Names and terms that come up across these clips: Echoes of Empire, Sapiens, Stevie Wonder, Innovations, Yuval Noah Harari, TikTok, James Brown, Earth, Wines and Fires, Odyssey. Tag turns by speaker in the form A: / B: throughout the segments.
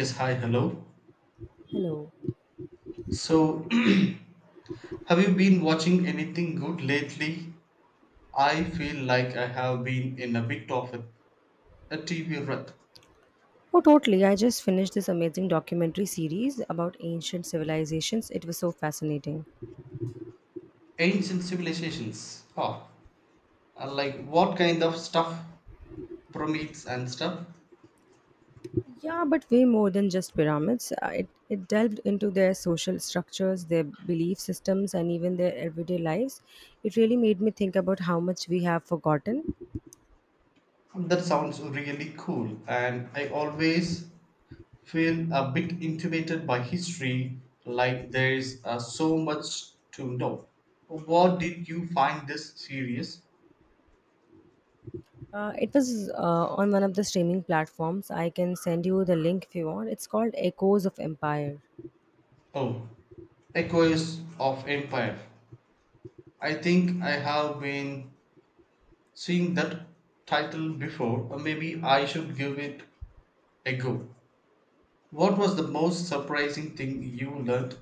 A: Yes, hi, hello.
B: Hello.
A: So, have you been watching anything good lately? I feel like I have been in a bit of a TV rut.
B: Oh, totally. I just finished this amazing documentary series about ancient civilizations. It was so fascinating.
A: Ancient civilizations. Oh, like what kind of stuff? Prometheus and stuff.
B: Yeah, but way more than just pyramids. It delved into their social structures, their belief systems, and even their everyday lives. It really made me think about how much we have forgotten.
A: That sounds really cool, and I always feel a bit intimidated by history, like there's so much to know. What did you find this serious?
B: It was on one of the streaming platforms. I can send you the link if you want. It's called Echoes of Empire.
A: Oh, Echoes of Empire. I think I have been seeing that title before, or maybe I should give it a go. What was the most surprising thing you learned?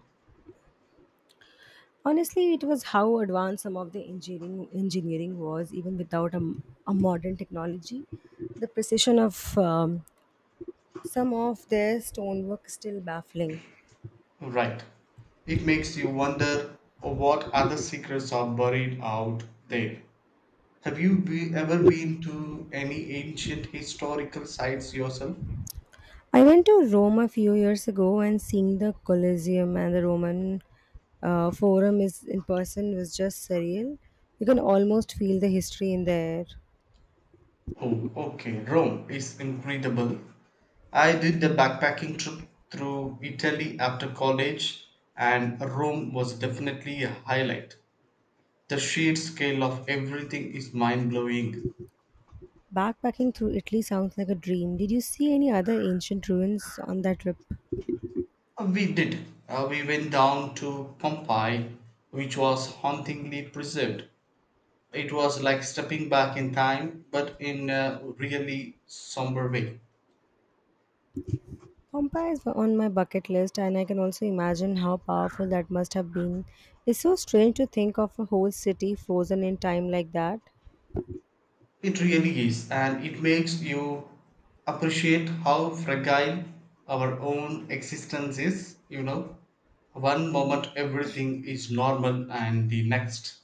B: Honestly, it was how advanced some of the engineering was, even without a modern technology. The precision of some of their stonework is still baffling.
A: Right. It makes you wonder what other secrets are buried out there. Ever been to any ancient historical sites yourself?
B: I went to Rome a few years ago, and seeing the Colosseum and the Roman Forum is in person was just surreal. You can almost feel the history in there.
A: Oh, okay. Rome is incredible. I did the backpacking trip through Italy after college, and Rome was definitely a highlight. The sheer scale of everything is mind blowing.
B: Backpacking through Italy sounds like a dream. Did you see any other ancient ruins on that trip?
A: We did. We went down to Pompeii, which was hauntingly preserved. It was like stepping back in time, but in a really somber way.
B: Pompeii is on my bucket list, and I can also imagine how powerful that must have been. It's so strange to think of a whole city frozen in time like that.
A: It really is, and it makes you appreciate how fragile our own existence is. You know, one moment everything is normal, and the next.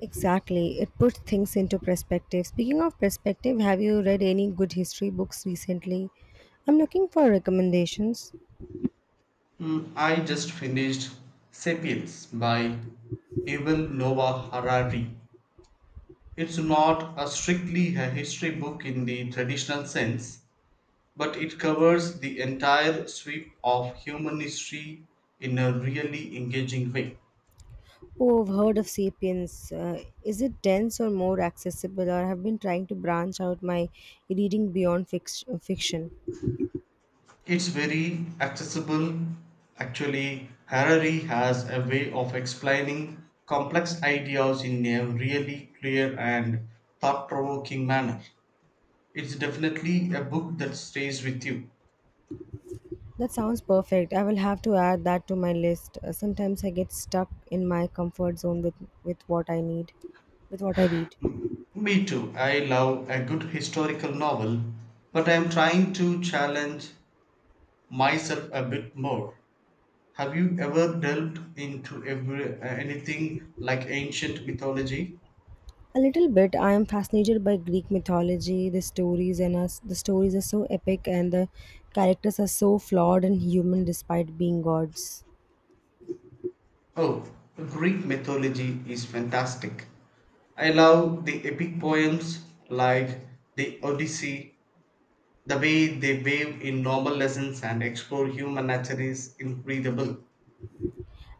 B: Exactly, it puts things into perspective. Speaking of perspective, have you read any good history books recently? I'm looking for recommendations.
A: Mm, I just finished Sapiens by Yuval Noah Harari. It's not a strictly a history book in the traditional sense, but it covers the entire sweep of human history in a really engaging way.
B: Oh, I've heard of Sapiens. Is it dense or more accessible? Or have been trying to branch out my reading beyond fiction.
A: It's very accessible. Actually, Harari has a way of explaining complex ideas in a really clear and thought provoking manner. It's definitely a book that stays with you.
B: That sounds perfect. I will have to add that to my list. Sometimes I get stuck in my comfort zone with what I need, with what I read.
A: M- Me too. I love a good historical novel, but I am trying to challenge myself a bit more. Have you ever delved into anything like ancient mythology?
B: A little bit. I am fascinated by Greek mythology. The stories are so epic, and the characters are so flawed and human despite being gods.
A: Oh, Greek mythology is fantastic. I love the epic poems like the Odyssey, the way they weave in normal lessons and explore human nature is incredible.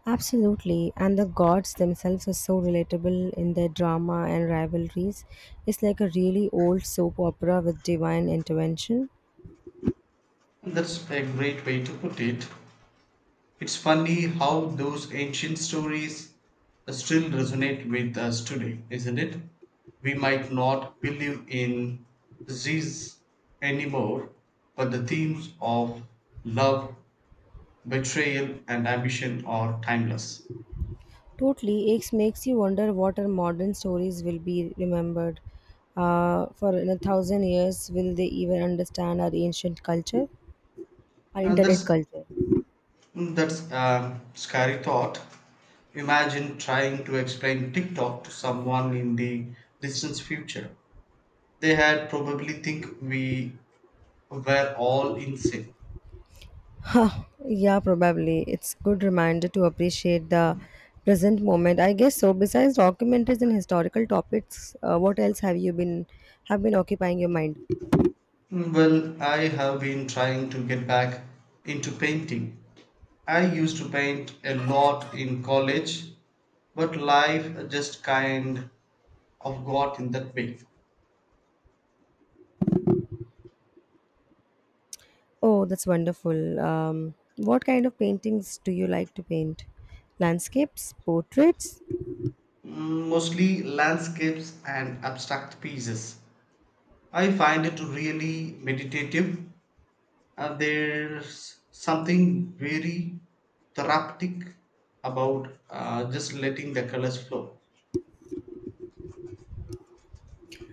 B: Absolutely, and the gods themselves are so relatable in their drama and rivalries. It's like a really old soap opera with divine intervention.
A: That's a great way to put it. It's funny how those ancient stories still resonate with us today, isn't it? We might not believe in disease anymore, but the themes of love betrayal and ambition are timeless.
B: Totally, it makes you wonder what our modern stories will be remembered for in a thousand years. Will they even understand our ancient culture, our
A: And
B: internet
A: that's
B: culture?
A: that's a scary thought. Imagine trying to explain TikTok to someone in the distant future. They had probably think we were all insane.
B: Huh, yeah, probably. It's good reminder to appreciate the present moment. I guess so. Besides documentaries and historical topics, what else have been occupying your mind?
A: Well, I have been trying to get back into painting. I used to paint a lot in college, but life just kind of got in that way.
B: Oh, that's wonderful. What kind of paintings do you like to paint? Landscapes, portraits,
A: Mm, mostly landscapes and abstract pieces. I find it really meditative. And there's something very therapeutic about just letting the colors flow.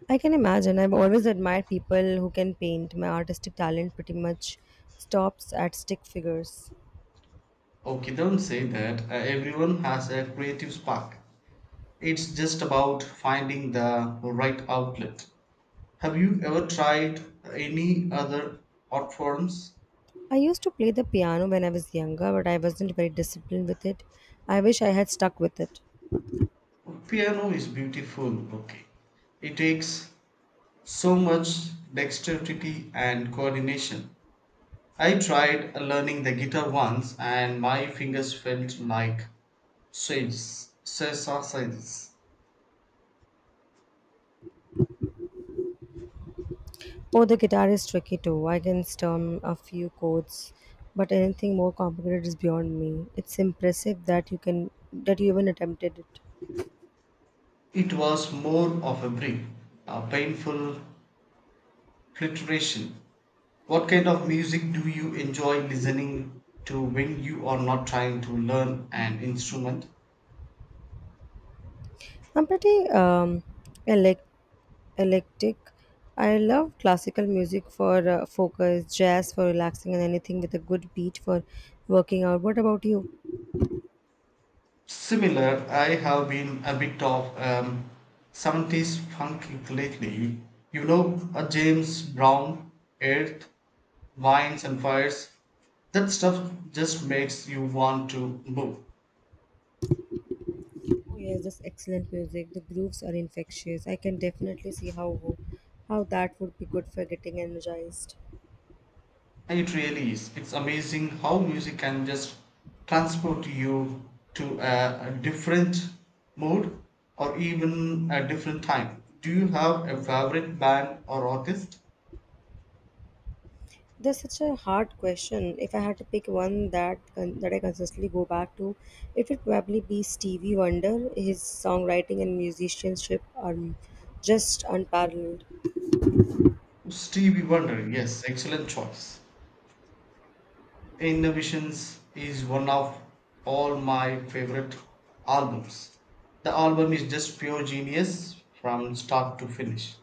B: I can imagine. I've always admired people who can paint. My artistic talent pretty much stops at stick figures.
A: Okay, don't say that. Everyone has a creative spark. It's just about finding the right outlet. Have you ever tried any other art forms?
B: I used to play the piano when I was younger, but I wasn't very disciplined with it. I wish I had stuck with it.
A: Piano is beautiful. Okay, it takes so much dexterity and coordination. I tried learning the guitar once and my fingers felt like swiss- sausages.
B: Oh, the guitar is tricky too. I can strum a few chords, but anything more complicated is beyond me. It's impressive that you can that you even attempted it.
A: It was more of a brief, a painful flirtation. What kind of music do you enjoy listening to when you are not trying to learn an instrument?
B: I'm pretty yeah, like electric. I love classical music for focus, jazz for relaxing, and anything with a good beat for working out. What about you?
A: Similar, I have been a bit of 70s funk lately. You know, a James Brown, Earth, Wines and Fires. That stuff just makes you want to move.
B: Oh, yes, just excellent music. The grooves are infectious. I can definitely see how that would be good for getting energized.
A: It really is. It's amazing how music can just transport you to a different mood or even a different time. Do you have a favorite band or artist?
B: That's such a hard question. If I had to pick one that I consistently go back to, it would probably be Stevie Wonder. His songwriting and musicianship are just unparalleled.
A: Stevie Wonder, yes, excellent choice. Innovations is one of all my favorite albums. The album is just pure genius from start to finish.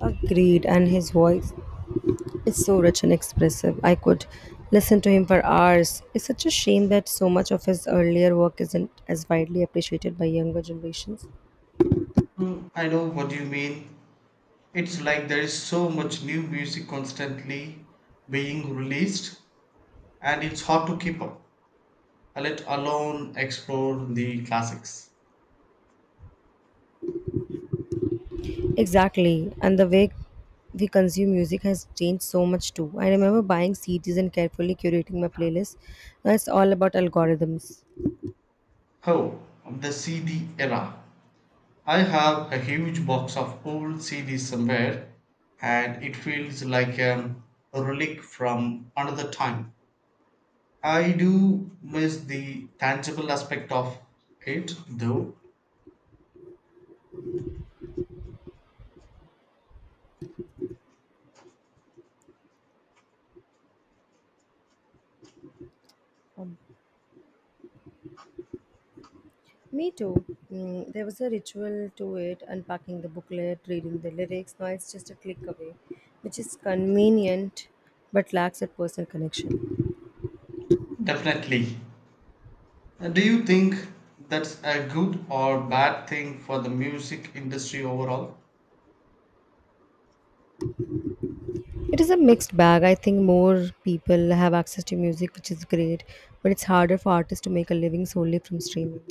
B: Agreed, and his voice is so rich and expressive. I could listen to him for hours. It's such a shame that so much of his earlier work isn't as widely appreciated by younger generations.
A: Hmm. I know what you mean. It's like there is so much new music constantly being released and it's hard to keep up, let alone explore the classics.
B: Exactly, and the way we consume music has changed so much too. I remember buying CDs and carefully curating my playlist. Now it's all about algorithms.
A: Oh, the CD era. I have a huge box of old CDs somewhere, and it feels like a relic from another time. I do miss the tangible aspect of it, though.
B: Um, Me too. Mm, there was a ritual to it, unpacking the booklet, reading the lyrics. Now it's just a click away, which is convenient but lacks that personal connection.
A: Definitely. Do you think that's a good or bad thing for the music industry overall?
B: It is a mixed bag. I think more people have access to music, which is great, but it's harder for artists to make a living solely from streaming.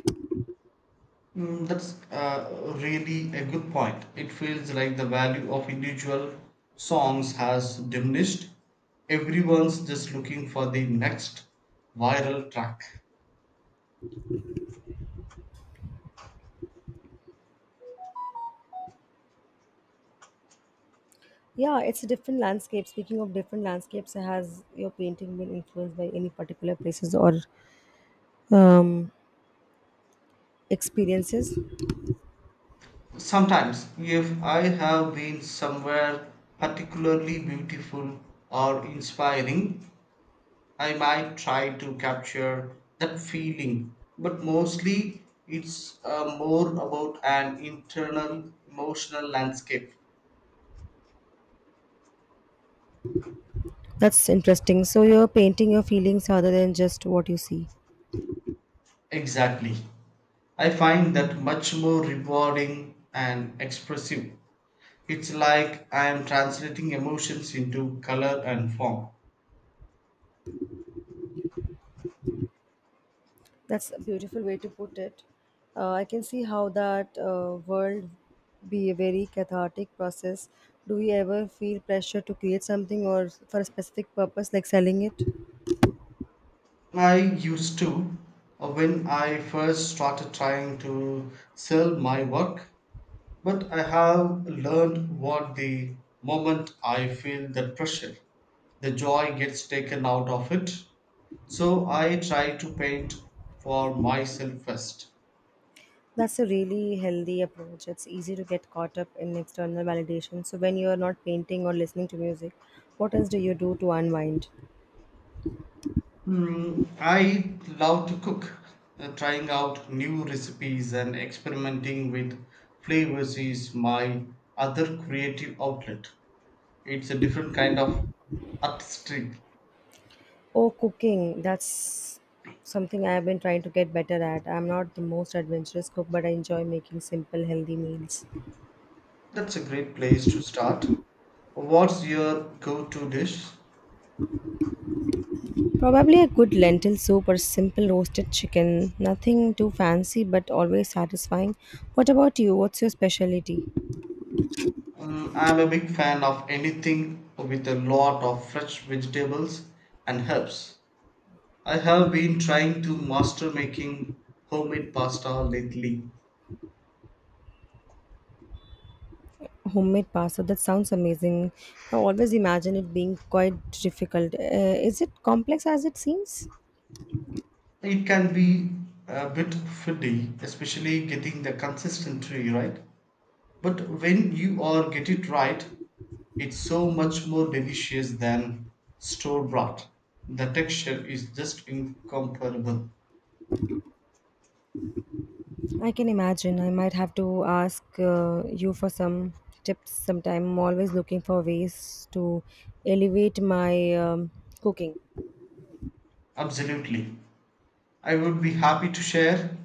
A: Mm, that's really a good point. It feels like the value of individual songs has diminished. Everyone's just looking for the next viral track.
B: Yeah, it's a different landscape. Speaking of different landscapes, has your painting been influenced by any particular places or um, experiences?
A: Sometimes, if I have been somewhere particularly beautiful or inspiring, I might try to capture that feeling. But mostly, it's more about an internal emotional landscape.
B: That's interesting. So you're painting your feelings rather than just what you see.
A: Exactly. I find that much more rewarding and expressive. It's like I am translating emotions into color and form.
B: That's a beautiful way to put it. I can see how that world be a very cathartic process. Do we ever feel pressure to create something or for a specific purpose, like selling it?
A: I used to when I first started trying to sell my work, but I have learned what the moment I feel that pressure, the joy gets taken out of it. So I try to paint for myself first.
B: That's a really healthy approach. It's easy to get caught up in external validation. So when you are not painting or listening to music, what else do you do to unwind?
A: Hmm, I love to cook. Trying out new recipes and experimenting with flavors is my other creative outlet. It's a different kind of artistry.
B: Oh, cooking. That's something I have been trying to get better at. I'm not the most adventurous cook, but I enjoy making simple, healthy meals.
A: That's a great place to start. What's your go to dish?
B: Probably a good lentil soup or simple roasted chicken. Nothing too fancy but always satisfying. What about you? What's your specialty?
A: Mm, I'm a big fan of anything with a lot of fresh vegetables and herbs. I have been trying to master making homemade pasta lately.
B: Homemade pasta. That sounds amazing. I always imagine it being quite difficult. Is it complex as it seems?
A: It can be a bit fiddly, especially getting the consistency right. But when you are get it right, it's so much more delicious than store bought. The texture is just incomparable.
B: I can imagine. I might have to ask you for some tips sometime. I'm always looking for ways to elevate my cooking.
A: Absolutely. I would be happy to share.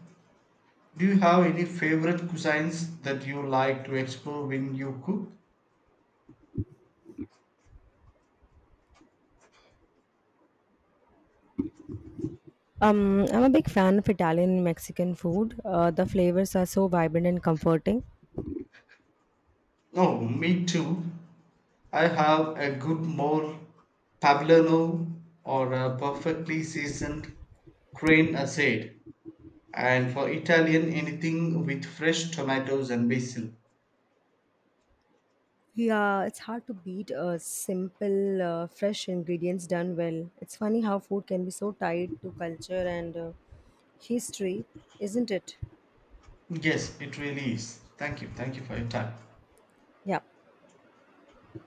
A: Do you have any favorite cuisines that you like to explore when you cook?
B: I'm a big fan of Italian and Mexican food. The flavors are so vibrant and comforting.
A: Oh, me too. I have a good more Pavlano or a perfectly seasoned crane aside, and for Italian, anything with fresh tomatoes and basil.
B: Yeah, it's hard to beat simple, fresh ingredients done well. It's funny how food can be so tied to culture and history, isn't it?
A: Yes, it really is. Thank you. Thank you for your time.
B: Yeah.